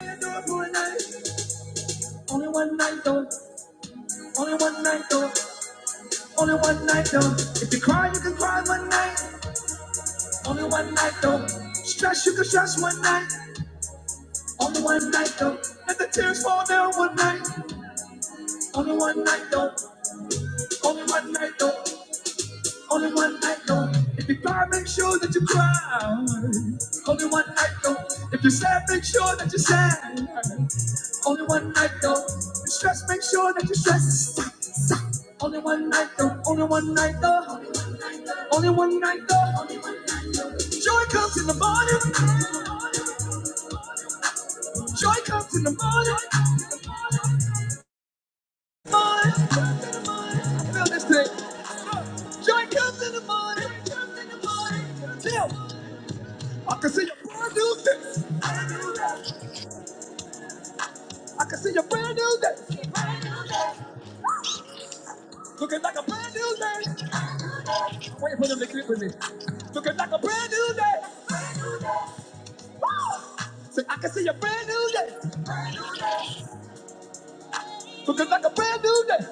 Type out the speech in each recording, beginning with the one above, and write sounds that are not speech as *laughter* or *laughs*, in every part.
Only one night though, only one night though, only one night though. If you cry, you can cry one night, only one night though. Stress, you can stress one night, only one night though. Let the tears fall down one night, only one night though, only one night though, only one night though. If you cry, make sure that you cry, only one night though. If you're sad, make sure that you're sad, Only one night though. You stress, make sure that you stress. Stop, stop. Only one night though. Only one night though. Only one night though. Joy comes in the morning. Joy comes in the morning. Morning. Feel this thing. Joy comes in the morning. Tell. I can see your brand new day. I can see your brand new day. Looking like a brand new day. Wait for them to click with me. Looking like a brand new day. Say, I can see a brand new day. Looking like a brand new day.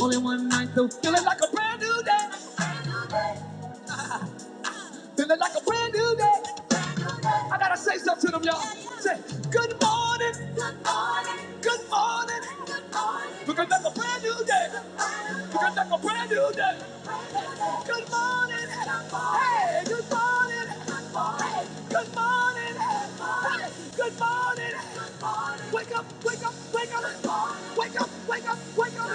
Only one night though. Feeling like a brand new day. Feeling like a brand new day. I gotta say something to them, y'all. Say, good morning. Good morning. Looking like a brand new day. Looking like a brand new day. Good morning, hey, good morning, hey, good morning, hey, good morning. Wake up, wake up, wake up, wake up, wake up, wake up.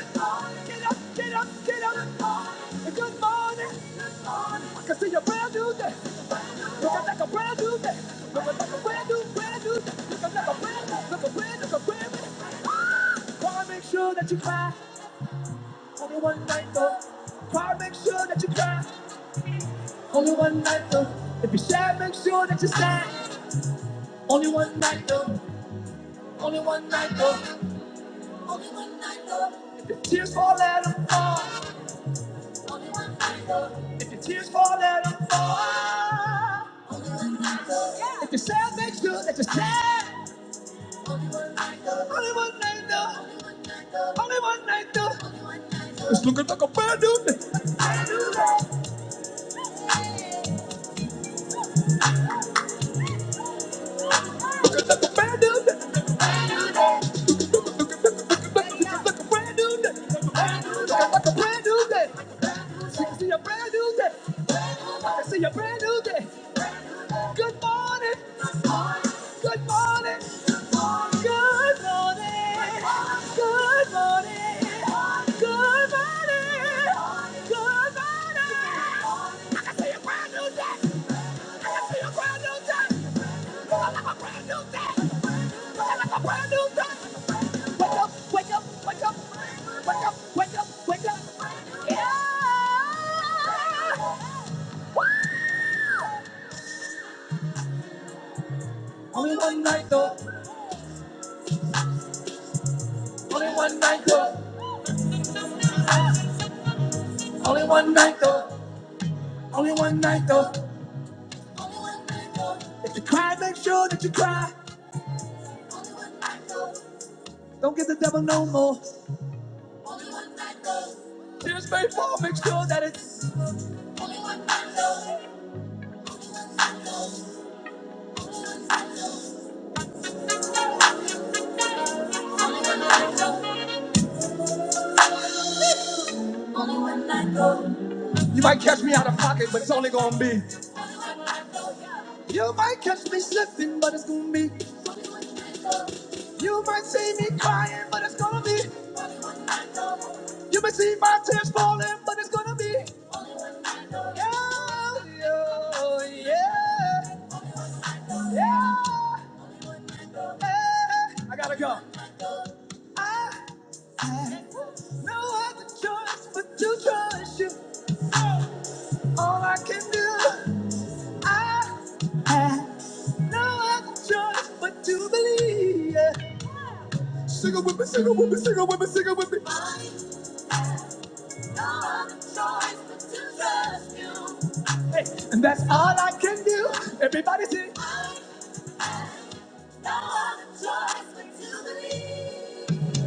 Get up, get up, get up. Good morning. I can see a brand new day. Looking like a brand new day. Looking like a brand new, brand new day. Looking like a brand, new, look a brand, look a brand new. Ah! Wanna make sure that you cry. Only one night though. Wanna make sure that you cry. Only one night though. If you sad, make sure that you stay. Only one night though. Only one night though. Only one night though. If your tears fall, let 'em fall. Only one night though. If your tears fall, let 'em fall. Only one night though. Yeah. If you're sad, make sure that you stay. Only one night though. Only one night though. Only one night though. Only one night though. It's looking like a brand new day. Brand new day. Looking like a brand new day. Looking like a brand new day. It's a brand new day. It's a brand new day. It's a brand new day. Good morning. Good morning. Good morning. Good morning. Good morning. Good morning. Good morning. It's a brand new day. Only one night though, only one night though, only one night though, only one night though. If you cry, make sure that you cry. Don't give the devil no more. Only one night though. Tears may fall, make sure that it's. Only one night though. Only one night though. Only one night though. Only one night though. You might catch me out of pocket, but it's only gonna be. Only one night though. Yeah. You might catch me slipping, but it's gonna be. Only one night though. You might see me crying, but it's gonna be. You might see my tears falling, but it's gonna be. Oh, Yeah, yeah. I gotta go. I have no other choice but to trust you. All I can do. I have no other choice but to believe. Yeah. Sing it with me, sing it with me, sing it with me, sing it with me. I have no other choice but to trust you. Hey, and that's all I can do. Everybody sing. I have no other choice but to believe.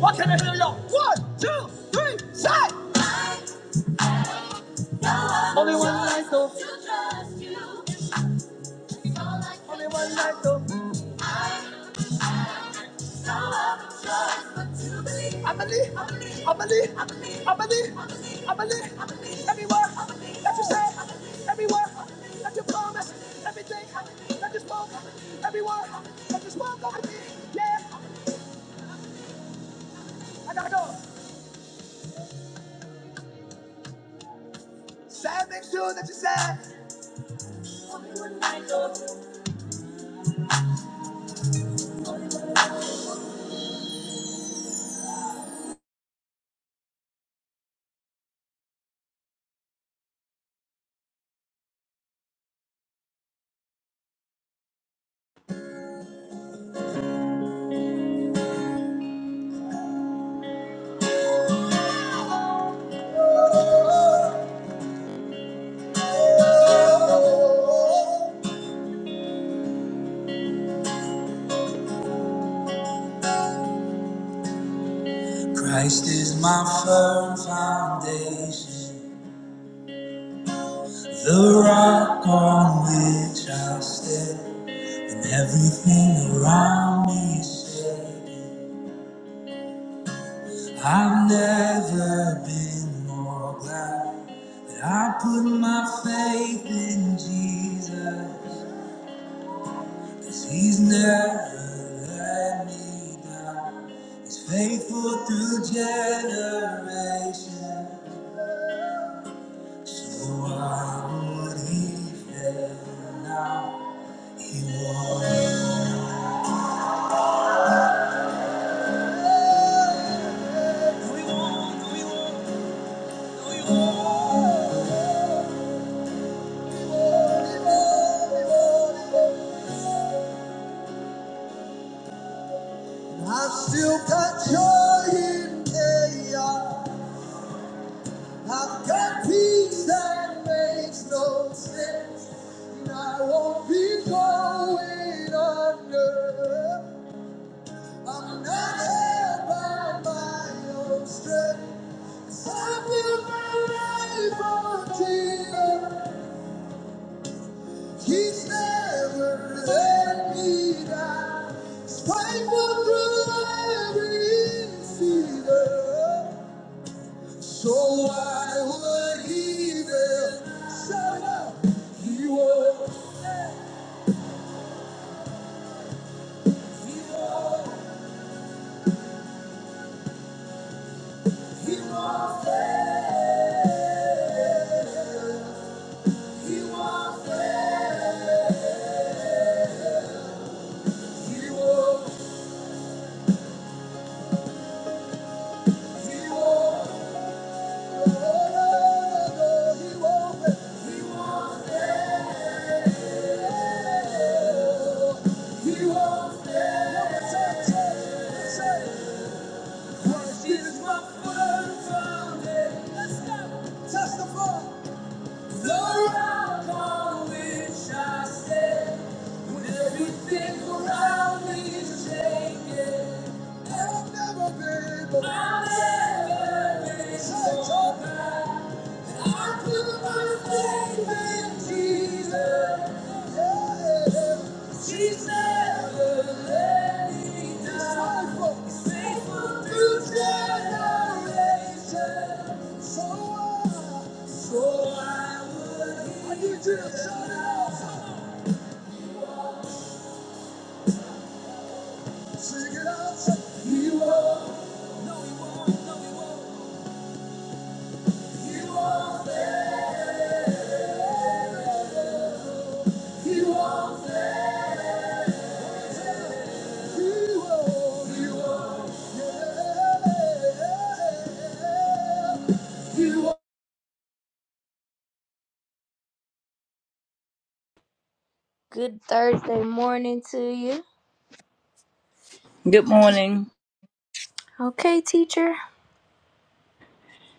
What can I hear y'all? One, two, three, say. Only one life though. Only one life though. I believe, I believe, I believe, I believe, I believe. Every word that you say. every word that you promise. everything that you spoke, every word that you spoke over me. Yeah, I gotta go. Sad things too that you said. Christ is my firm foundation. The rock on which I stand, and everything around me is shaking. I've never been more glad that I put my faith in Jesus, 'cause He's never let me down. He's faithful through generations, so why would He fail now? He won't. I've still got joy in chaos. I've got peace that makes no sense. And I won't be going under. I'm not held by my own strength. 'Cause I built my life on Jesus. He's never let me down. He's faithful through every season. So why would he even show up? He won't, he won't, he won't fail. He won't fail. He won't, he won't. Testify. Lord, I wish I stayed when everything around me shaking. I've never been, I've never so I put my faith in Jesus. She's never let me down. Faithful, faithful through generations. So I, so I would. I need you to shout it out. Sing it out. Say, You are, you are there. You are there. You are. Good Thursday morning to you. Good morning. Okay, teacher.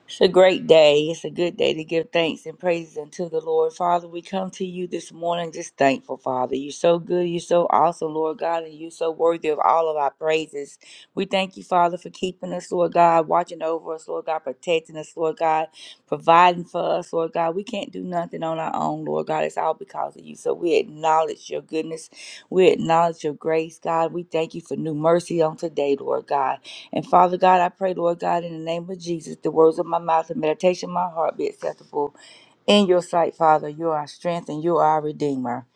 It's a great day. It's a good day to give thanks and praises unto the Lord. Father, we come to you this morning just thankful, Father. You're so good. You're so awesome, Lord God, and you're so worthy of all of our praises. We thank you, Father, for keeping us, Lord God, watching over us, Lord God, protecting us, Lord God, providing for us, Lord God. We can't do nothing on our own, Lord God. It's all because of you. So we acknowledge your goodness. We acknowledge your grace, God. We thank you for new mercy on today, Lord God. And Father God, I pray, Lord God, in the name of Jesus, the words of my mouth and meditation of my heart be acceptable in your sight, Father. You are our strength and you are our redeemer.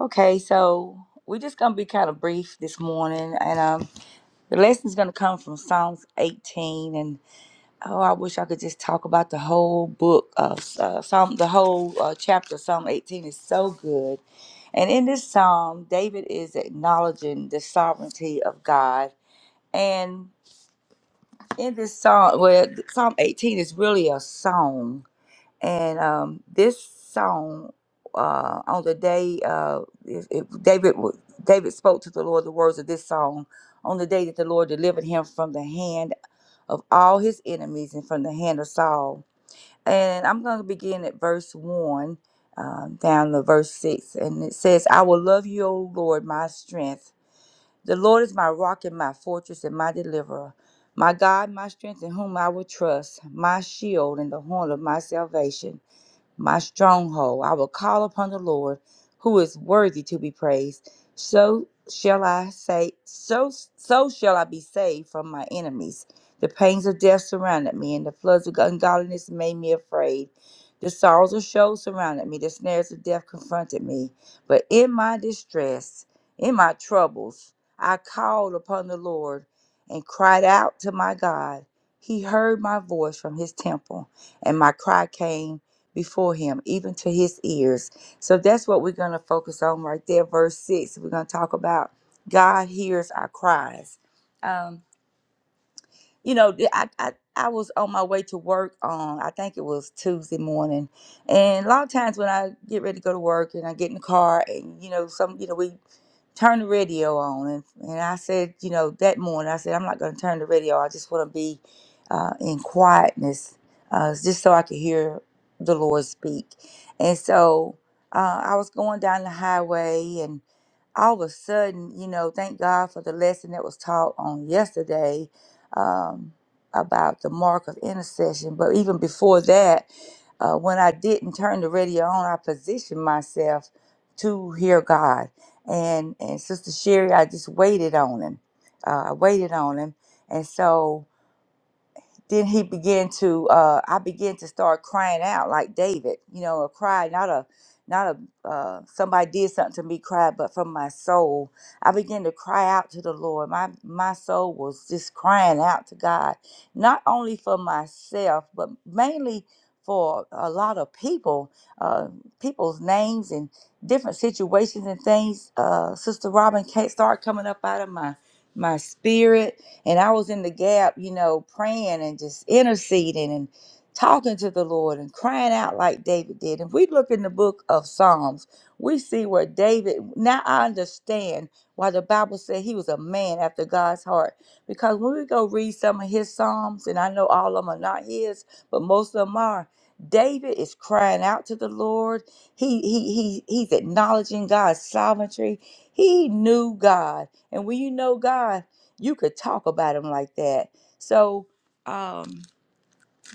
Okay, so we're just gonna be kind of brief this morning, and um, the lesson's gonna come from Psalms 18. And oh, I wish I could just talk about the whole book of uh, Psalm, the whole uh, chapter. of Psalm 18 is so good. And in this psalm, David is acknowledging the sovereignty of God. And in this song, well, Psalm 18 is really a song, and um, this song uh, on the day uh, if, if David w- David spoke to the Lord the words of this song on the day that the Lord delivered him from the hand of all his enemies and from the hand of Saul. And I'm going to begin at verse one um, down to verse six, and it says, "I will love you, O Lord, my strength." The Lord is my rock and my fortress and my deliverer, my God, my strength in whom I will trust, my shield and the horn of my salvation my stronghold. I will call upon the Lord, who is worthy to be praised. So shall I say, so so shall I be saved from my enemies. The pains of death surrounded me, and the floods of ungodliness made me afraid. The sorrows of Sheol surrounded me, the snares of death confronted me. But in my distress, in my troubles, I called upon the Lord and cried out to my God. He heard my voice from his temple, and my cry came before him, even to his ears. So that's what we're going to focus on right there, verse 6. We're going to talk about God hears our cries. Um, you know, th- I, I, I was on my way to work on, I think it was Tuesday morning. And a lot of times when I get ready to go to work and I get in the car and, you know, some, you know, we turn the radio on. And, and I said, you know, that morning, I said, I'm not going to turn the radio. I just want to be uh, in quietness uh, just so I could hear the Lord speak. And so uh, I was going down the highway and all of a sudden, you know, thank God for the lesson that was taught on yesterday um, about the mark of intercession. But even before that, uh, when I didn't turn the radio on, I positioned myself to hear God. And and Sister Sherry, I just waited on Him. Uh, I waited on Him, and so then he began to uh i began to start crying out like david you know a cry not a not a uh somebody did something to me cry but from my soul i began to cry out to the lord my my soul was just crying out to god not only for myself but mainly for a lot of people uh people's names and different situations and things uh sister robin can't start coming up out of my my spirit and I was in the gap, you know, praying and just interceding and talking to the Lord and crying out like David did. If we look in the book of Psalms, we see where David, now I understand why the Bible said he was a man after God's heart. Because when we go read some of his Psalms, and I know all of them are not his, but most of them are. David is crying out to the Lord. He he he he's acknowledging God's sovereignty. He knew God. And when you know God, you could talk about them like that. So, um,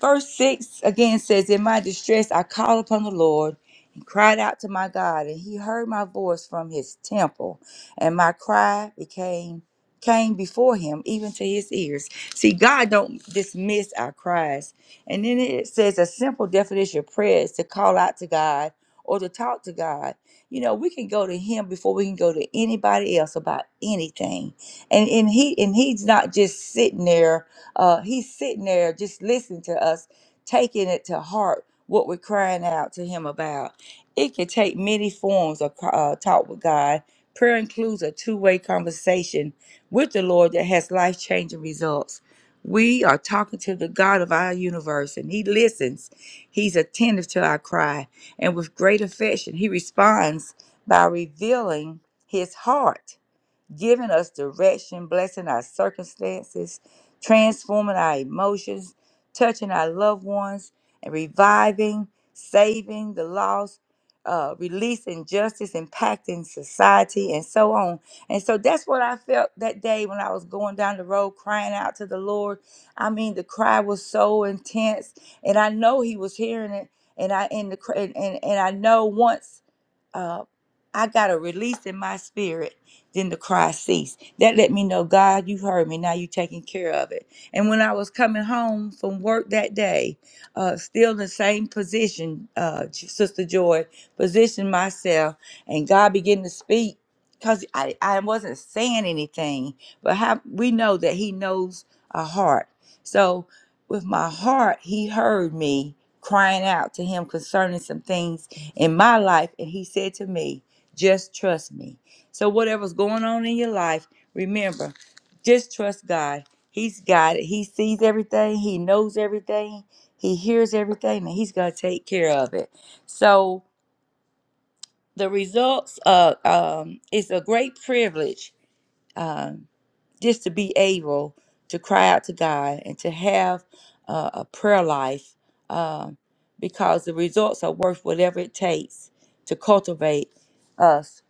Verse 6 again says, In my distress I called upon the Lord and cried out to my God, and he heard my voice from his temple, and my cry became came before him even to his ears. See, God don't dismiss our cries. And then it says a simple definition of prayer is to call out to God or to talk to God. You know, we can go to him before we can go to anybody else about anything. And and he and he's not just sitting there uh, he's sitting there just listening to us, taking it to heart what we're crying out to him about. It can take many forms of uh, talk with God. Prayer includes a two way conversation with the Lord that has life changing results. We are talking to the God of our universe, and He listens. He's attentive to our cry, and with great affection, He responds by revealing His heart giving us direction, blessing our circumstances, transforming our emotions, touching our loved ones, and reviving, saving the lost, uh, releasing justice, impacting society, and so on. And so that's what I felt that day when I was going down the road crying out to the Lord. I mean, the cry was so intense, and I know He was hearing it. And I and the cr- and, and and I know once uh, I got a release in my spirit, then the cry ceased. That let me know, God, you heard me. Now you taking care of it. And when I was coming home from work that day, uh, still in the same position, uh, J- Sister Joy, positioned myself, and God began to speak because I, I wasn't saying anything, but how, we know that He knows our heart. So with my heart, He heard me crying out to Him concerning some things in my life and he said to me just trust me so whatever's going on in your life remember just trust god he's got it he sees everything he knows everything he hears everything and he's going to take care of it so the results uh, um, it's a great privilege um, just to be able to cry out to God and to have uh, a prayer life um, because the results are worth whatever it takes to cultivate us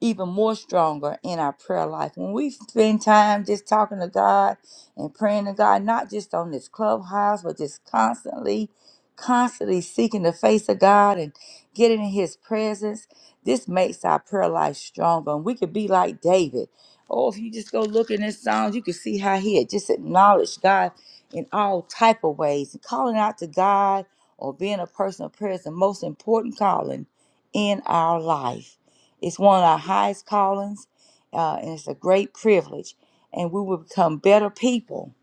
even more stronger in our prayer life. When we spend time just talking to God and praying to God, not just on this clubhouse, but just constantly, constantly seeking the face of God and getting in His presence, this makes our prayer life stronger. And we could be like David. Oh, if you just go look in his songs, you can see how he had just acknowledged God in all type of ways. And calling out to God or being a person of prayer is the most important calling in our life. It's one of our highest callings, uh, and it's a great privilege. And we will become better people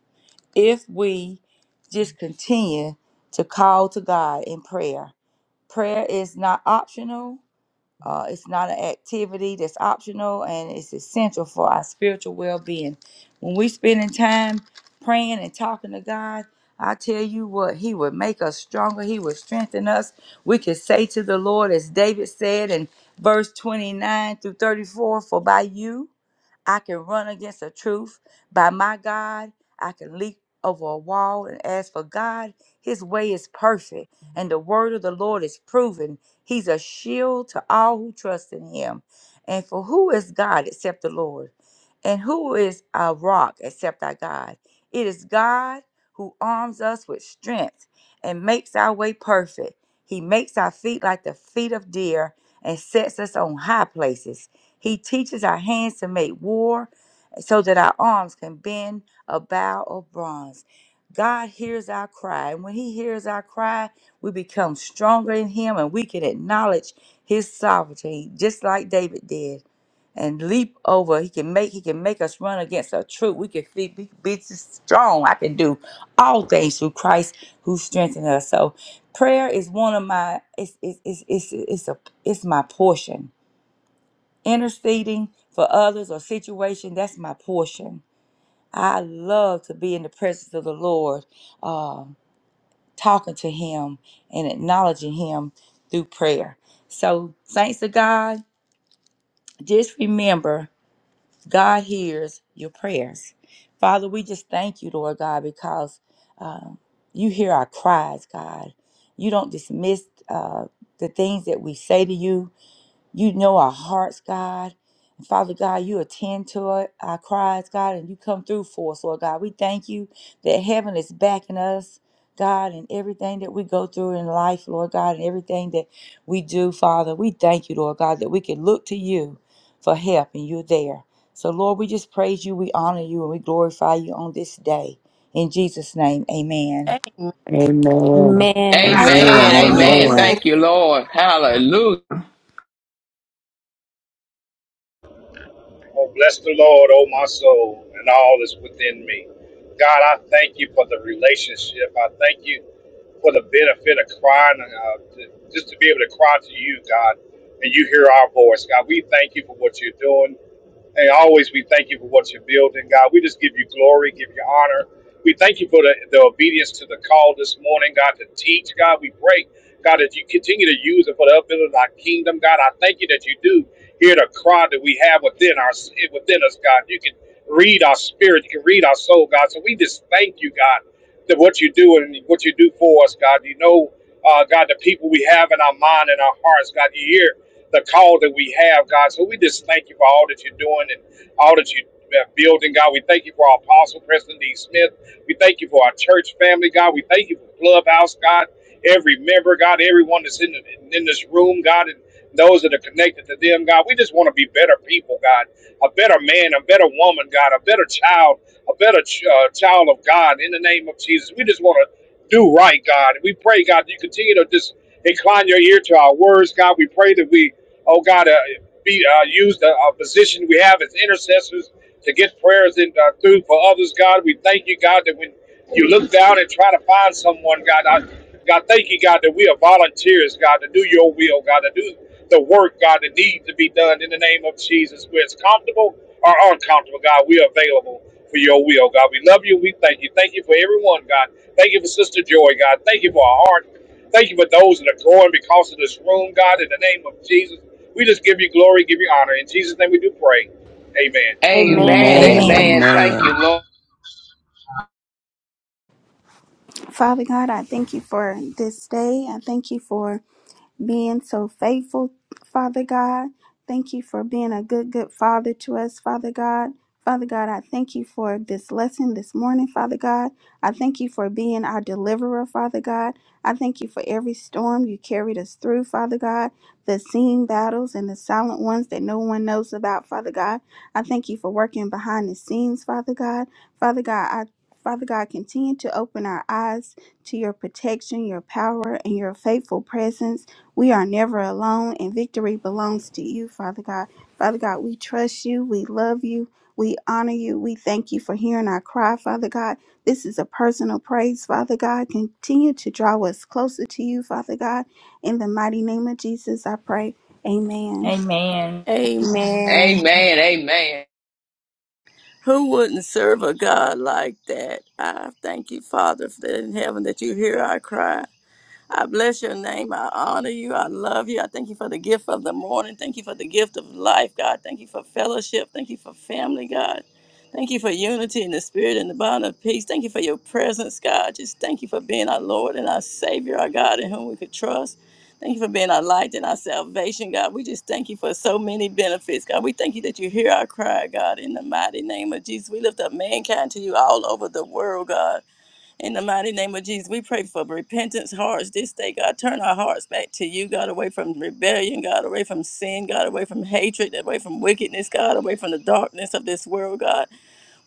if we just continue to call to God in prayer. Prayer is not optional uh, it's not an activity that's optional and it's essential for our spiritual well being. When we spending time praying and talking to God, I tell you what, He would make us stronger. He would strengthen us. We could say to the Lord, as David said in verse 29 through 34, For by you, I can run against the truth by my God. I can leap over a wall and ask for God. His way is perfect, and the word of the Lord is proven. He's a shield to all who trust in him. And for who is God except the Lord? And who is our rock except our God? It is God who arms us with strength and makes our way perfect. He makes our feet like the feet of deer and sets us on high places. He teaches our hands to make war so that our arms can bend a bow of bronze. God hears our cry. And when He hears our cry, we become stronger in Him and we can acknowledge His sovereignty, just like David did, and leap over. He can make He can make us run against a troop. We can be, be, be strong. I can do all things through Christ who strengthens us. So prayer is one of my it's it's it's it's, it's a it's my portion interceding for others or situation that's my portion i love to be in the presence of the lord um, talking to him and acknowledging him through prayer so saints of god just remember god hears your prayers father we just thank you lord god because um, you hear our cries god you don't dismiss uh, the things that we say to you you know our hearts, God. And Father God, you attend to our our cries, God, and you come through for us, Lord God. We thank you that heaven is backing us, God, and everything that we go through in life, Lord God, and everything that we do, Father. We thank you, Lord God, that we can look to you for help and you're there. So, Lord, we just praise you, we honor you, and we glorify you on this day. In Jesus' name, amen. Amen. Amen. Amen. Amen. Amen. Amen. Amen. Amen. Amen. Amen. Thank you, Lord. Hallelujah. Oh, bless the Lord, oh my soul, and all is within me. God, I thank you for the relationship. I thank you for the benefit of crying, uh, to, just to be able to cry to you, God, and you hear our voice. God, we thank you for what you're doing. And always we thank you for what you're building, God. We just give you glory, give you honor. We thank you for the, the obedience to the call this morning, God, to teach. God, we pray, God, that you continue to use it for the upbuilding of our kingdom. God, I thank you that you do. Hear the cry that we have within our within us, God. You can read our spirit. You can read our soul, God. So we just thank you, God, that what you do and what you do for us, God. You know, uh, God, the people we have in our mind and our hearts, God. You hear the call that we have, God. So we just thank you for all that you're doing and all that you uh, building, God. We thank you for our apostle, President D. Smith. We thank you for our church family, God. We thank you for Clubhouse, God. Every member, God, everyone that's in, the, in this room, God those that are connected to them, God. We just want to be better people, God, a better man, a better woman, God, a better child, a better ch- uh, child of God in the name of Jesus. We just want to do right, God. We pray, God, that you continue to just incline your ear to our words, God. We pray that we, oh God, uh, be uh, use the uh, position we have as intercessors to get prayers in, uh, through for others, God. We thank you, God, that when you look down and try to find someone, God, I, God, thank you, God, that we are volunteers, God, to do your will, God, to do the work, God, that needs to be done in the name of Jesus. Where it's comfortable or uncomfortable, God, we are available for your will, God. We love you. We thank you. Thank you for everyone, God. Thank you for Sister Joy, God. Thank you for our heart. Thank you for those that are growing because of this room, God, in the name of Jesus. We just give you glory, give you honor. In Jesus' name we do pray. Amen. Amen. Amen. A- Amen. Amen. Amen. Thank Amen. you, Lord. Father God, I thank you for this day. I thank you for being so faithful, Father God. Thank you for being a good, good Father to us, Father God. Father God, I thank you for this lesson this morning, Father God. I thank you for being our deliverer, Father God. I thank you for every storm you carried us through, Father God, the seen battles and the silent ones that no one knows about, Father God. I thank you for working behind the scenes, Father God. Father God, I Father God, continue to open our eyes to your protection, your power, and your faithful presence we are never alone, and victory belongs to you, Father God. Father God, we trust you. We love you. We honor you. We thank you for hearing our cry, Father God. This is a personal praise, Father God. Continue to draw us closer to you, Father God. In the mighty name of Jesus, I pray. Amen. Amen. Amen. Amen. Amen. Amen. Who wouldn't serve a God like that? I thank you, Father, for that in heaven that you hear our cry. I bless your name. I honor you. I love you. I thank you for the gift of the morning. Thank you for the gift of life, God. Thank you for fellowship. Thank you for family, God. Thank you for unity in the spirit and the bond of peace. Thank you for your presence, God. Just thank you for being our Lord and our Savior, our God, in whom we could trust. Thank you for being our light and our salvation, God. We just thank you for so many benefits, God. We thank you that you hear our cry, God, in the mighty name of Jesus. We lift up mankind to you all over the world, God. In the mighty name of Jesus, we pray for repentance hearts this day, God. Turn our hearts back to you, God, away from rebellion, God, away from sin, God, away from hatred, away from wickedness, God, away from the darkness of this world, God.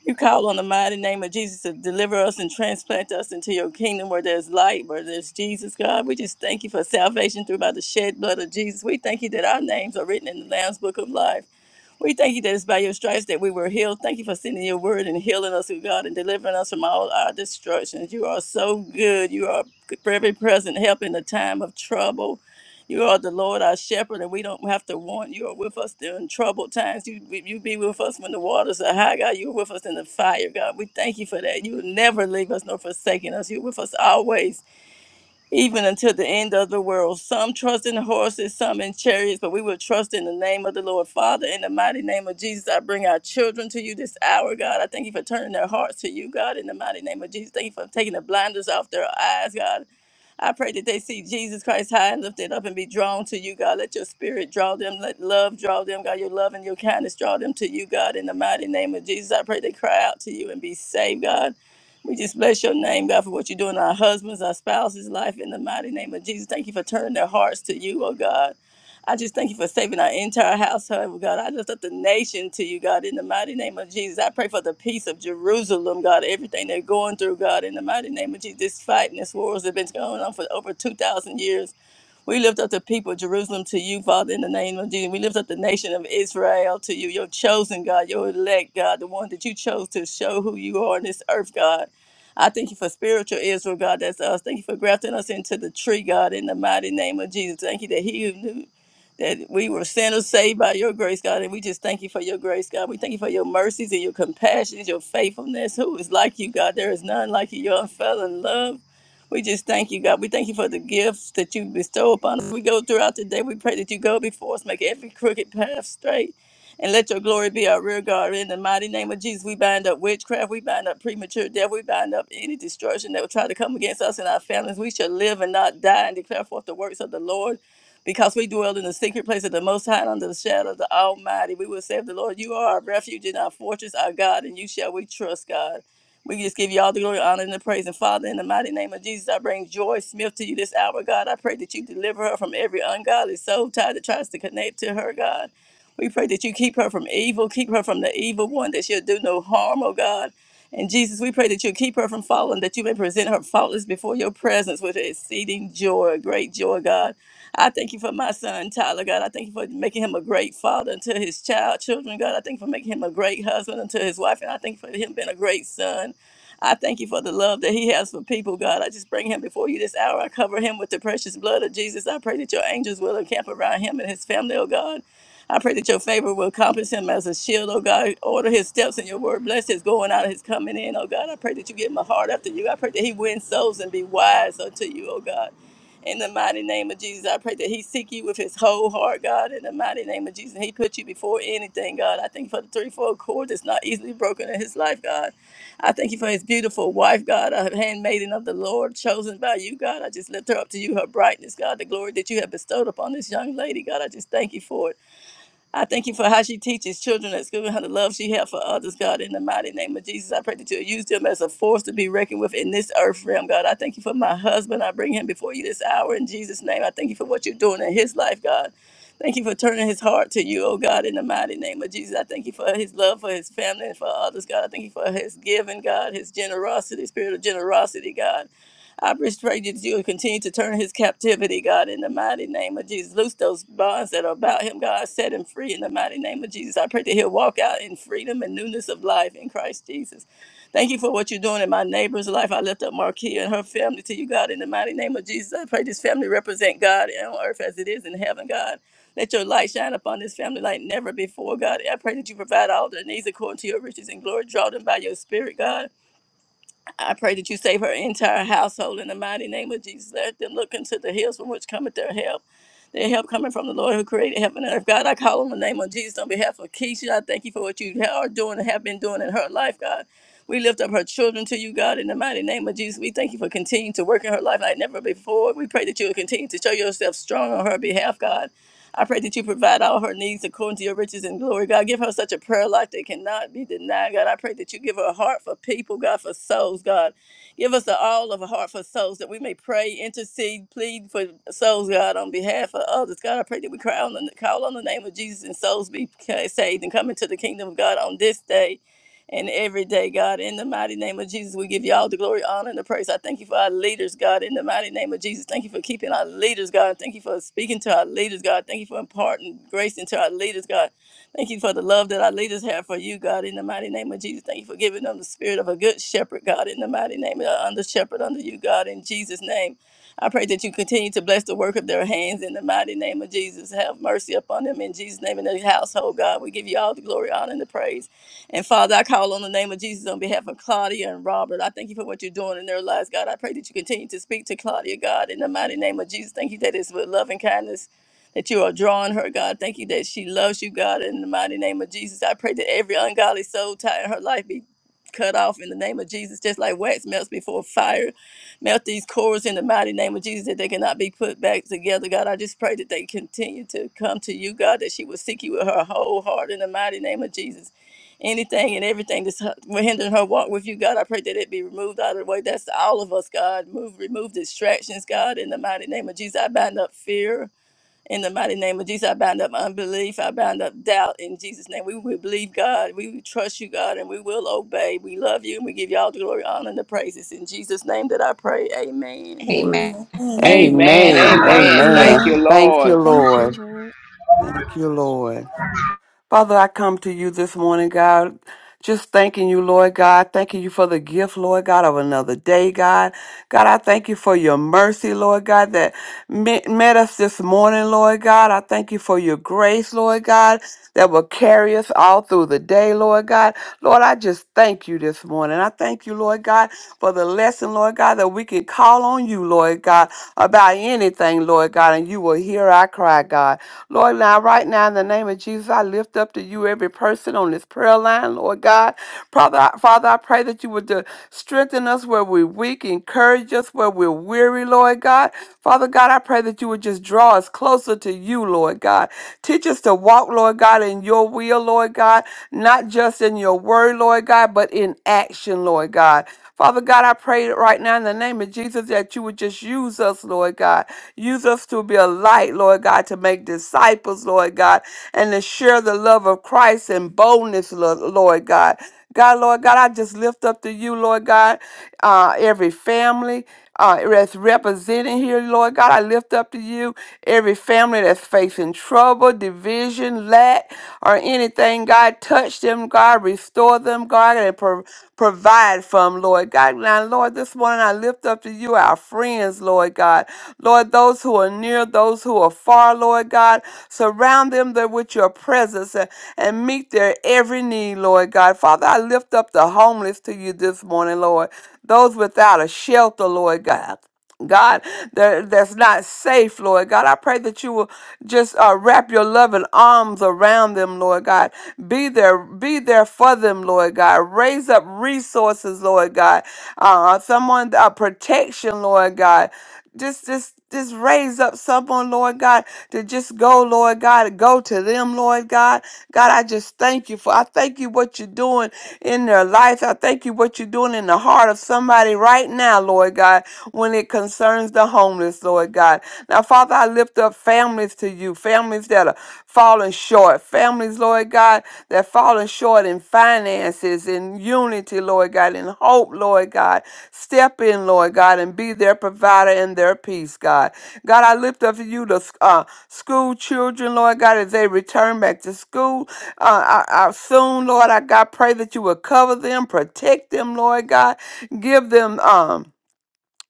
You call on the mighty name of Jesus to deliver us and transplant us into your kingdom where there's light, where there's Jesus, God. We just thank you for salvation through by the shed blood of Jesus. We thank you that our names are written in the Lamb's book of life. We thank you that it's by your stripes that we were healed. Thank you for sending your word and healing us, oh God, and delivering us from all our destructions. You are so good. You are very present help in the time of trouble. You are the Lord our shepherd, and we don't have to want. You are with us during troubled times. You you be with us when the waters are high, God. You're with us in the fire, God. We thank you for that. You will never leave us nor forsaken us. You're with us always even until the end of the world. Some trust in horses, some in chariots, but we will trust in the name of the Lord. Father, in the mighty name of Jesus, I bring our children to you this hour, God. I thank you for turning their hearts to you, God, in the mighty name of Jesus. Thank you for taking the blinders off their eyes, God. I pray that they see Jesus Christ high and lifted up and be drawn to you, God. Let your spirit draw them. Let love draw them, God. Your love and your kindness draw them to you, God, in the mighty name of Jesus. I pray they cry out to you and be saved, God. We just bless your name, God, for what you do in our husbands, our spouses' life in the mighty name of Jesus. Thank you for turning their hearts to you, oh God. I just thank you for saving our entire household, oh God. I lift up the nation to you, God, in the mighty name of Jesus. I pray for the peace of Jerusalem, God, everything they're going through, God, in the mighty name of Jesus. This fight and this wars have been going on for over 2,000 years. We lift up the people of Jerusalem to you, Father, in the name of Jesus. We lift up the nation of Israel to you, your chosen God, your elect God, the one that you chose to show who you are in this earth, God. I thank you for spiritual Israel, God. That's us. Thank you for grafting us into the tree, God, in the mighty name of Jesus. Thank you that He who knew that we were sinners saved by your grace, God. And we just thank you for your grace, God. We thank you for your mercies and your compassions, your faithfulness. Who is like you, God? There is none like you. Your unfailing love. We just thank you, God. We thank you for the gifts that you bestow upon us. We go throughout the day. We pray that you go before us, make every crooked path straight and let your glory be our rear guard. In the mighty name of Jesus, we bind up witchcraft, we bind up premature death, we bind up any destruction that will try to come against us and our families. We shall live and not die and declare forth the works of the Lord. Because we dwell in the secret place of the Most High and under the shadow of the Almighty, we will say of the Lord, You are our refuge and our fortress, our God, and you shall we trust, God. We just give you all the glory, honor, and the praise. And Father, in the mighty name of Jesus, I bring Joy Smith to you this hour, God. I pray that you deliver her from every ungodly soul tie that tries to connect to her, God. We pray that you keep her from evil, keep her from the evil one, that she'll do no harm, oh God. And Jesus, we pray that you keep her from falling, that you may present her faultless before your presence with exceeding joy, great joy, God. I thank you for my son, Tyler, God. I thank you for making him a great father unto his child, children, God. I thank you for making him a great husband unto his wife, and I thank you for him being a great son. I thank you for the love that he has for people, God. I just bring him before you this hour. I cover him with the precious blood of Jesus. I pray that your angels will encamp around him and his family, oh God. I pray that your favor will compass him as a shield, oh God. Order his steps in your word. Bless his going out and his coming in, oh God. I pray that you give him a heart after you. I pray that he wins souls and be wise unto you, oh God. In the mighty name of Jesus, I pray that he seek you with his whole heart, God. In the mighty name of Jesus, he put you before anything, God. I thank you for the threefold cord that's not easily broken in his life, God. I thank you for his beautiful wife, God, a handmaiden of the Lord, chosen by you, God. I just lift her up to you, her brightness, God, the glory that you have bestowed upon this young lady, God. I just thank you for it. I thank you for how she teaches children at school and how the love she has for others, God. In the mighty name of Jesus, I pray that you'll use them as a force to be reckoned with in this earth realm, God. I thank you for my husband. I bring him before you this hour in Jesus' name. I thank you for what you're doing in his life, God. Thank you for turning his heart to you, oh God, in the mighty name of Jesus. I thank you for his love for his family and for others, God. I thank you for his giving, God, his generosity, spirit of generosity, God. I just pray that you will continue to turn his captivity, God, in the mighty name of Jesus. Loose those bonds that are about him, God. Set him free in the mighty name of Jesus. I pray that he'll walk out in freedom and newness of life in Christ Jesus. Thank you for what you're doing in my neighbor's life. I lift up Marquia and her family to you, God, in the mighty name of Jesus. I pray this family represent God on earth as it is in heaven, God. Let your light shine upon this family like never before, God. I pray that you provide all their needs according to your riches and glory. Draw them by your spirit, God. I pray that you save her entire household in the mighty name of Jesus. Let them look into the hills from which cometh their help. Their help coming from the Lord who created heaven and earth. God, I call on the name of Jesus on behalf of Keisha. I thank you for what you are doing and have been doing in her life, God. We lift up her children to you, God, in the mighty name of Jesus. We thank you for continuing to work in her life like never before. We pray that you will continue to show yourself strong on her behalf, God. I pray that you provide all her needs according to your riches and glory. God, give her such a prayer life that cannot be denied. God, I pray that you give her a heart for people, God, for souls, God. Give us a, all of a heart for souls that we may pray, intercede, plead for souls, God, on behalf of others. God, I pray that we cry on the, call on the name of Jesus and souls be ca- saved and come into the kingdom of God on this day and every day, God. In the mighty name of Jesus, we give you all the glory, honor, and the praise. I thank you for our leaders, God. In the mighty name of Jesus, thank you for keeping our leaders, God. Thank you for speaking to our leaders, God. Thank you for imparting grace into our leaders, God. Thank you for the love that our leaders have for you, God. In the mighty name of Jesus, thank you for giving them the spirit of a good shepherd, God. In the mighty name of the under shepherd under you, God. In Jesus' name. I pray that you continue to bless the work of their hands in the mighty name of Jesus. Have mercy upon them in Jesus' name and their household, God. We give you all the glory, honor, and the praise. And Father, I call on the name of Jesus on behalf of Claudia and Robert. I thank you for what you're doing in their lives, God. I pray that you continue to speak to Claudia, God, in the mighty name of Jesus. Thank you that it's with love and kindness that you are drawing her, God. Thank you that she loves you, God, in the mighty name of Jesus. I pray that every ungodly soul tie in her life be cut off in the name of Jesus, just like wax melts before fire. Melt these cords in the mighty name of Jesus that they cannot be put back together, God. I just pray that they continue to come to you, God, that she will seek you with her whole heart in the mighty name of Jesus anything and everything that's hindering her walk with you, God. I pray that it be removed out of the way. That's to all of us, God. Move, remove distractions, God. In the mighty name of Jesus, I bind up fear. In the mighty name of Jesus, I bind up unbelief. I bind up doubt. In Jesus' name, we will believe God. We will trust you, God, and we will obey. We love you, and we give you all the glory, honor, and the praises. In Jesus' name, that I pray. Amen. Amen. Amen. Amen. Amen. Amen. Praise Amen. Amen. Thank you, Amen. God. Thank you, Lord. Thank you, Lord. Lord. Thank you, Lord. Father, I come to you this morning, God, just thanking you, Lord God, thanking you for the gift, Lord God, of another day, God. God, I thank you for your mercy, Lord God, that met, met us this morning, Lord God. I thank you for your grace, Lord God, that will carry us all through the day, Lord God. Lord, I just thank you this morning. I thank you, Lord God, for the lesson, Lord God, that we can call on you, Lord God, about anything, Lord God, and you will hear our cry, God. Lord, now, right now, in the name of Jesus, I lift up to you every person on this prayer line, Lord God. Father, Father, I pray that you would uh, strengthen us where we're weak, encourage us where we're weary, Lord God. Father God, I pray that you would just draw us closer to you, Lord God. Teach us to walk, Lord God, in your will, Lord God, not just in your word, Lord God, but in action, Lord God. Father God, I pray right now in the name of Jesus that you would just use us, Lord God. Use us to be a light, Lord God, to make disciples, Lord God, and to share the love of Christ and boldness, Lo- Lord God. God, Lord God, I just lift up to you, Lord God, uh, every family uh, that's represented here, Lord God. I lift up to you every family that's facing trouble, division, lack, or anything. God, touch them, God, restore them, God, and pro- provide for them, Lord God. Now, Lord, this morning I lift up to you our friends, Lord God. Lord, those who are near, those who are far, Lord God, surround them there with your presence and, and meet their every need, Lord God. Father, I lift up the homeless to you this morning, Lord. Those without a shelter, Lord God. God, that, that's not safe, Lord God. I pray that you will just uh, wrap your loving arms around them, Lord God. Be there, be there for them, Lord God. Raise up resources, Lord God. Uh, someone, uh, protection, Lord God. Just, just just raise up someone, Lord God, to just go, Lord God, go to them, Lord God. God, I just thank you for, I thank you what you're doing in their life. I thank you what you're doing in the heart of somebody right now, Lord God, when it concerns the homeless, Lord God. Now, Father, I lift up families to you, families that are falling short, families, Lord God, God, that falling short in finances, in unity, Lord God, in hope, Lord God. Step in, Lord God, and be their provider and their peace, God. God, I lift up to you the uh, school children, Lord God, as they return back to school uh, I, I soon, Lord. I God, pray that you will cover them, protect them, Lord God. Give them um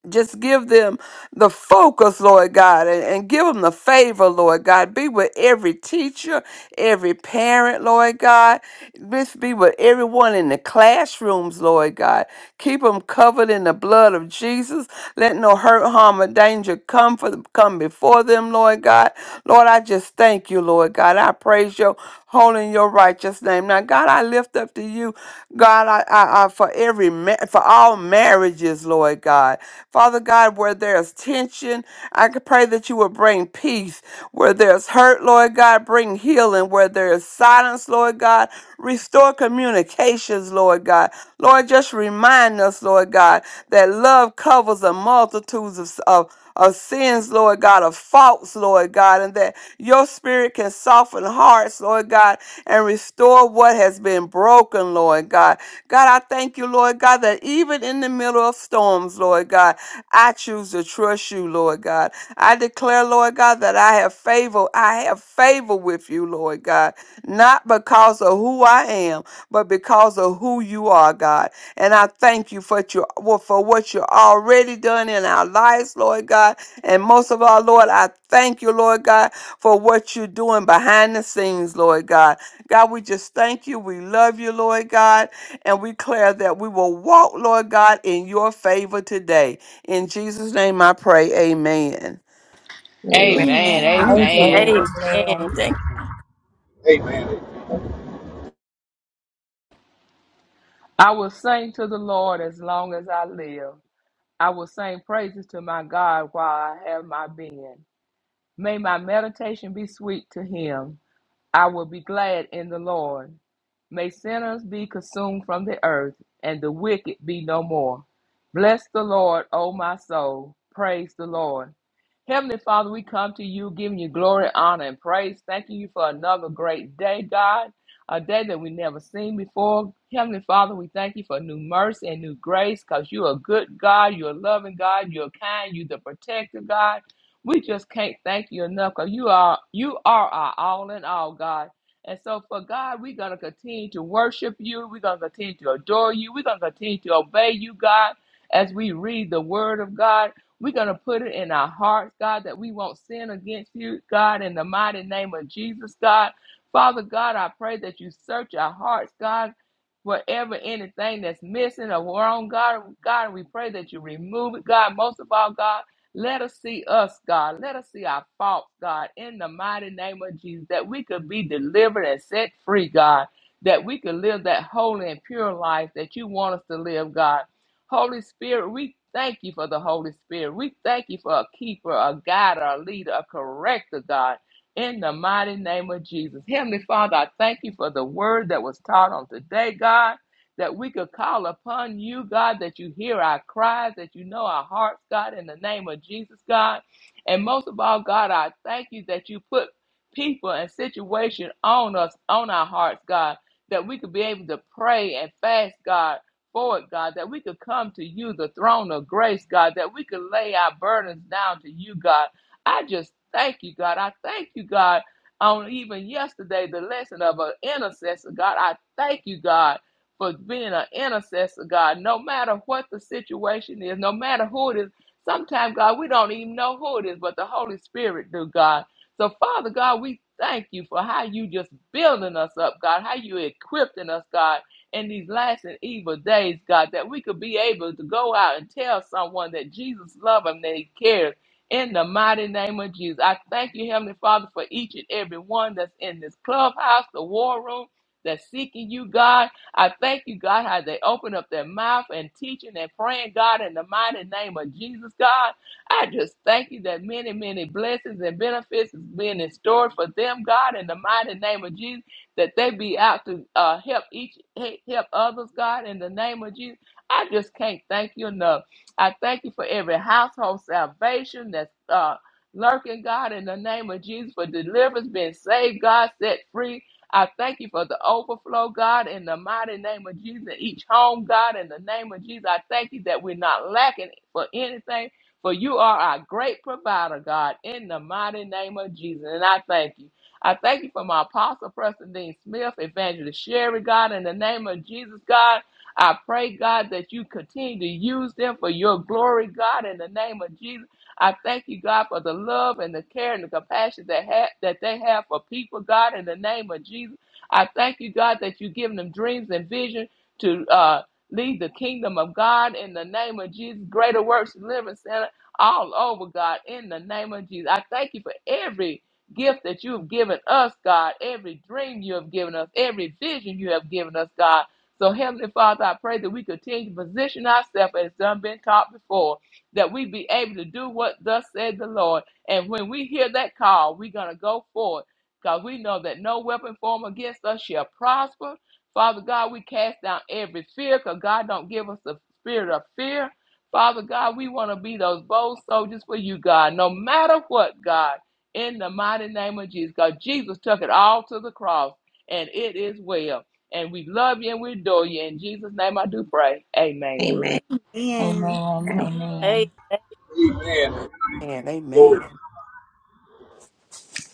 just give them the focus, Lord God, and, and give them the favor, Lord God. Be with every teacher, every parent, Lord God. This be with everyone in the classrooms, Lord God. Keep them covered in the blood of Jesus. Let no hurt, harm, or danger come for come before them, Lord God. Lord, I just thank you, Lord God. I praise you holding your righteous name. Now, God, I lift up to you, God, I, I, I for every ma- for all marriages, Lord God, Father God, where there's tension, I could pray that you would bring peace where there's hurt, Lord God, bring healing where there is silence, Lord God, restore communications, Lord God. Lord, just remind us, Lord God, that love covers a multitudes of, of of sins, Lord God, of faults, Lord God, and that your spirit can soften hearts, Lord God, and restore what has been broken, Lord God. God, I thank you, Lord God, that even in the middle of storms, Lord God, I choose to trust you, Lord God. I declare, Lord God, that I have favor. I have favor with you, Lord God, not because of who I am, but because of who you are, God. And I thank you for what you well, for what you already done in our lives, Lord God. And most of all, Lord, I thank you, Lord God for what you're doing behind the scenes, Lord God. God, we just thank you. We love you, Lord God. And we declare that we will walk, Lord God, in your favor today. In Jesus' name I pray. Amen. Amen. Thank Amen. Amen. you, Lord. Amen. Amen. Amen. Thank. I will sing to the Lord as long as I live. I will sing praises to my God while I have my being. May my meditation be sweet to him. I will be glad in the Lord. May sinners be consumed from the earth, and the wicked be no more. Bless the Lord, O my soul. Praise the Lord. Heavenly Father, we come to you giving you glory, honor, and praise. Thanking you for another great day, God, a day that we never seen before. Heavenly Father, we thank you for new mercy and new grace because you're a good God, you're a loving God, you're kind, you're the protector, God. We just can't thank you enough because you are you are our all in all, God. And so for God, we're gonna continue to worship you, we're gonna continue to adore you, we're gonna continue to obey you, God, as we read the word of God. We're gonna put it in our hearts, God, that we won't sin against you, God, in the mighty name of Jesus, God. Father God, I pray that you search our hearts, God. Whatever anything that's missing or wrong, God, God, we pray that you remove it, God. Most of all, God. Let us see us, God. Let us see our faults, God, in the mighty name of Jesus, that we could be delivered and set free, God, that we could live that holy and pure life that you want us to live, God. Holy Spirit, we thank you for the Holy Spirit. We thank you for a keeper, a guide, a leader, a corrector, God, in the mighty name of Jesus. Heavenly Father, I thank you for the word that was taught on today, God that we could call upon you, God, that you hear our cries, that you know our hearts, God, in the name of Jesus, God. And most of all, God, I thank you that you put people and situation on us, on our hearts, God, that we could be able to pray and fast, God, for it, God, that we could come to you, the throne of grace, God, that we could lay our burdens down to you, God. I just thank you, God. I thank you, God, on even yesterday, the lesson of an intercessor, God. I thank you, God for being an intercessor, God. No matter what the situation is, no matter who it is, sometimes, God, we don't even know who it is, but the Holy Spirit do, God. So, Father God, we thank you for how you just building us up, God, how you equipping us, God, in these last and evil days, God, that we could be able to go out and tell someone that Jesus loves them, that he cares. In the mighty name of Jesus, I thank you, Heavenly Father, for each and every one that's in this clubhouse, the war room, that's seeking you, God. I thank you, God, how they open up their mouth and teaching and praying, God, in the mighty name of Jesus, God. I just thank you that many, many blessings and benefits is being in store for them, God, in the mighty name of Jesus, that they be out to uh, help each help others, God, in the name of Jesus. I just can't thank you enough. I thank you for every household salvation that's uh, lurking, God, in the name of Jesus, for deliverance, being saved, God, set free, I thank you for the overflow, God, in the mighty name of Jesus. Each home, God, in the name of Jesus, I thank you that we're not lacking for anything, for you are our great provider, God, in the mighty name of Jesus. And I thank you. I thank you for my apostle, Preston Dean Smith, Evangelist Sherry, God, in the name of Jesus, God. I pray, God, that you continue to use them for your glory, God, in the name of Jesus. I thank you, God, for the love and the care and the compassion that ha- that they have for people, God, in the name of Jesus. I thank you, God, that you've given them dreams and vision to uh, lead the kingdom of God in the name of Jesus. Greater Works Living Center all over, God, in the name of Jesus. I thank you for every gift that you have given us, God, every dream you have given us, every vision you have given us, God. So, Heavenly Father, I pray that we continue to position ourselves as done been taught before that we be able to do what thus said the Lord. And when we hear that call, we're going to go forward because we know that no weapon formed against us shall prosper. Father God, we cast down every fear because God don't give us the spirit of fear. Father God, we want to be those bold soldiers for you, God, no matter what, God, in the mighty name of Jesus. God, Jesus took it all to the cross, and it is well. And we love you and we adore you. In Jesus' name I do pray. Amen. Amen. Amen. Amen. Amen. you. Amen. Amen. Amen. And Glory. amen.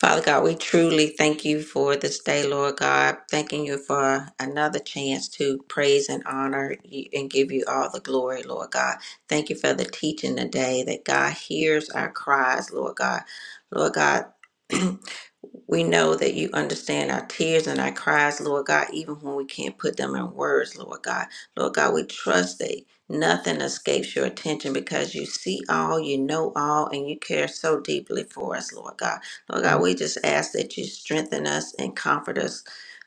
Father God, we truly thank you for this day, Lord God. Thanking you for another chance to praise and honor you and give you all the glory, Lord God. Thank you for the teaching today that God hears our cries, Lord God. Lord God, *clears throat* we know that you understand our tears and our cries, Lord God, even when we can't put them in words, Lord God. Lord God, we trust that nothing escapes your attention because you see all, you know all, and you care so deeply for us, Lord God. Lord God, we just ask that you strengthen us and comfort us,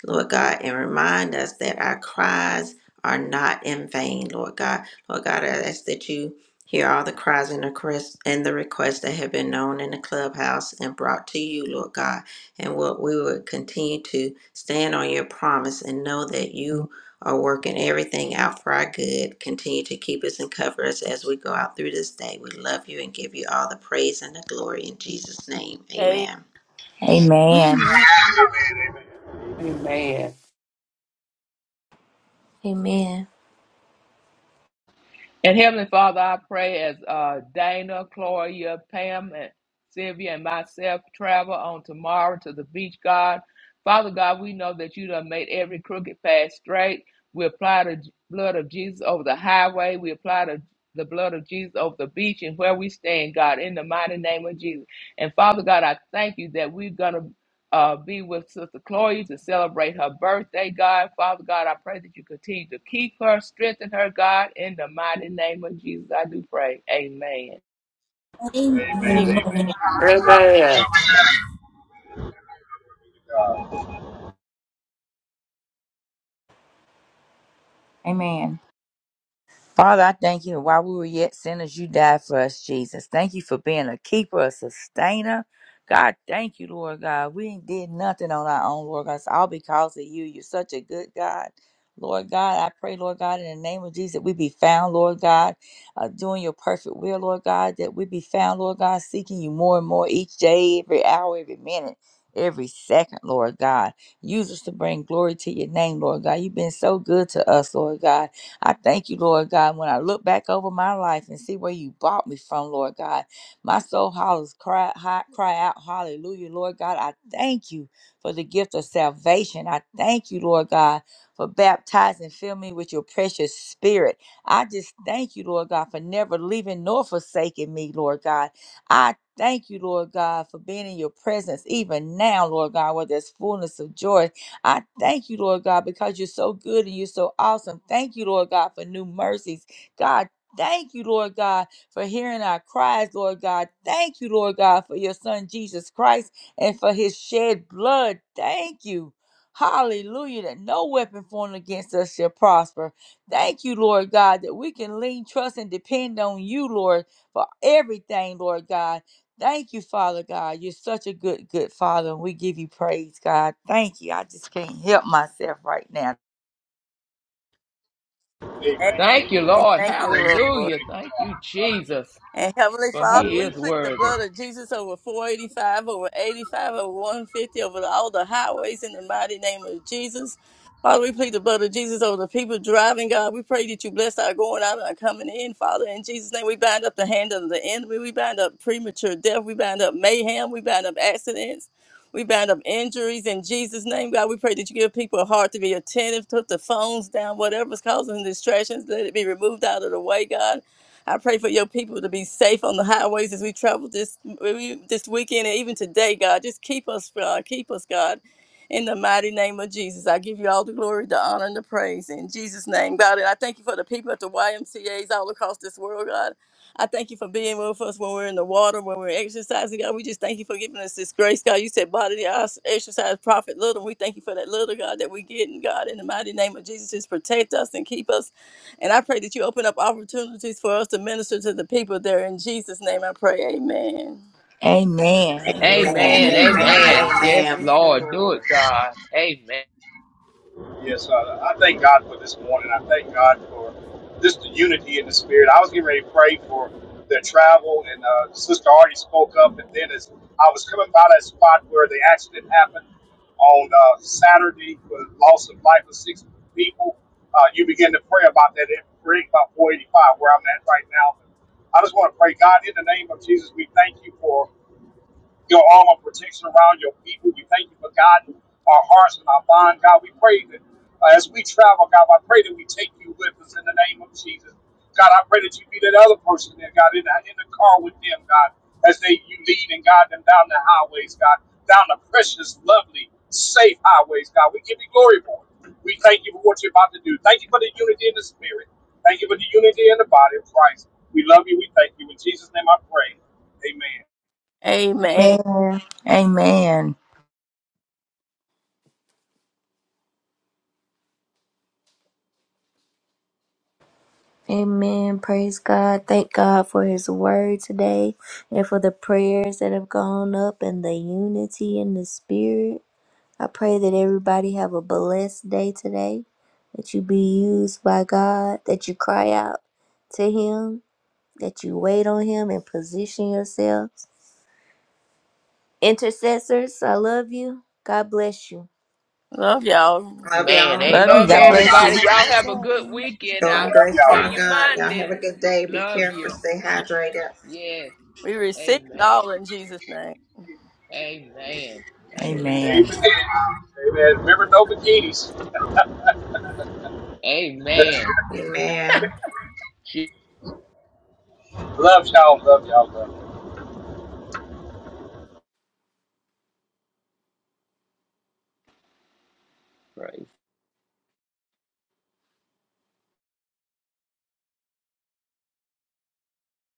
Lord God, and remind us that our cries are not in vain, Lord God. Lord God, I ask that you hear all the cries and the requests and the requests that have been known in the clubhouse and brought to you, Lord God. And what we would continue to stand on your promise and know that you are working everything out for our good. Continue to keep us and cover us as we go out through this day. We love you and give you all the praise and the glory in Jesus' name. Amen. Amen. Amen. Amen. Amen. Amen. And Heavenly Father, I pray as uh, Dana, Gloria, Pam, and Sylvia and myself travel on tomorrow to the beach, God. Father God, we know that you done made every crooked path straight. We apply the j- blood of Jesus over the highway. We apply the, the blood of Jesus over the beach and where we stand, God, in the mighty name of Jesus. And Father God, I thank you that we're going to uh, be with Sister Chloe to celebrate her birthday, God. Father God, I pray that you continue to keep her, strengthen her, God, in the mighty name of Jesus. I do pray. Amen. Amen. Amen. Amen. Amen. Amen. Father, I thank you that while we were yet sinners, you died for us, Jesus. Thank you for being a keeper, a sustainer. God, thank you, Lord God. We ain't did nothing on our own, Lord God. It's all because of you. You're such a good God. Lord God, I pray, Lord God, in the name of Jesus, that we be found, Lord God, uh, doing your perfect will, Lord God, that we be found, Lord God, seeking you more and more each day, every hour, every minute, every second, Lord God. Use us to bring glory to your name, Lord God. You've been so good to us, Lord God. I thank you, Lord God. When I look back over my life and see where you brought me from, Lord God, my soul hollers, cry, hi- cry out, hallelujah, Lord God. I thank you for the gift of salvation. I thank you, Lord God, for baptizing, fill me with your precious spirit. I just thank you, Lord God, for never leaving nor forsaking me, Lord God. I thank you, Lord God, for being in your presence even now, Lord God, where there's fullness of joy I thank you, Lord God, because you're so good and you're so awesome. Thank you, Lord God, for new mercies. God, thank you, Lord God, for hearing our cries, Lord God. Thank you, Lord God, for your son Jesus Christ and for his shed blood. Thank you. Hallelujah, that no weapon formed against us shall prosper. Thank you, Lord God, that we can lean, trust, and depend on you, Lord, for everything, Lord God. Thank you, Father God. You're such a good, good Father, and we give you praise, God. Thank you. I just can't help myself right now. Amen. Thank you, Lord. Thank you, Lord. Hallelujah. Thank you, Jesus, And Heavenly for Father, he we is plead the worthy. blood of Jesus over 485, over 85, over 150, over all the highways in the mighty name of Jesus. Father, we plead the blood of Jesus over the people driving, God. We pray that you bless our going out and our coming in, Father. In Jesus' name, we bind up the hand of the enemy. We bind up premature death. We bind up mayhem. We bind up accidents. We bind up injuries in Jesus' name, God. We pray that you give people a heart to be attentive, put the phones down, whatever's causing distractions, let it be removed out of the way, God. I pray for your people to be safe on the highways as we travel this this weekend and even today, God. Just keep us, God. Keep us, God. In the mighty name of Jesus, I give you all the glory, the honor, and the praise. In Jesus' name, God. And I thank you for the people at the YMCAs all across this world, God. I thank you for being with us when we're in the water, when we're exercising, God. We just thank you for giving us this grace, God. You said, bodily os- exercise, profit little. We thank you for that little, God, that we get, and God, in the mighty name of Jesus, just protect us and keep us and I pray that you open up opportunities for us to minister to the people there. In Jesus' name I pray. Amen. Amen. Amen. Amen. Amen. Amen. Amen. Amen. And Amen. Amen. Yes, Amen. Thank you, Lord. Do it, Lord. God. Amen. Yes, Father. I thank God for this morning. I thank God for just the unity in the spirit. I was getting ready to pray for their travel, and uh, Sister already spoke up. And then as I was coming by that spot where the accident happened on uh, Saturday, with loss of life of six people, uh, you begin to pray about that. It bring about 485 where I'm at right now. I just want to pray, God, in the name of Jesus, we thank you for your arm of protection around your people. We thank you for guiding our hearts and our mind. God, we pray that uh, as we travel, God, I pray that we take you with us in the name of Jesus. God, I pray that you be that other person there, God, in the, in the car with them, God, as they you lead and guide them down the highways, God, down the precious, lovely, safe highways, God. We give you glory for it. We thank you for what you're about to do. Thank you for the unity in the spirit. Thank you for the unity in the body of Christ. We love you. We thank you. In Jesus' name I pray. Amen. Amen. Amen. Amen. Amen. Praise God. Thank God for his word today and for the prayers that have gone up and the unity in the spirit. I pray that everybody have a blessed day today, that you be used by God, that you cry out to him, that you wait on him and position yourselves. Intercessors, I love you. God bless you. Love y'all. Love Man, y'all. amen. Love you. Love Love God y'all. Love bless you. y'all. everybody. Have a Y'all good have a good day. weekend. Joy and Love I'll grace hear from you y'all. God. Y'all have Monday. a good day. Be Love careful. you. Stay hydrated. Yes. We receive it Amen. all in Jesus' name. Amen. Thank you, Amen. Amen. Lord. Amen. Amen. Remember, no bikinis. *laughs* Amen. Amen. Jesus love y'all. Love y'all. Love y'all. Christ.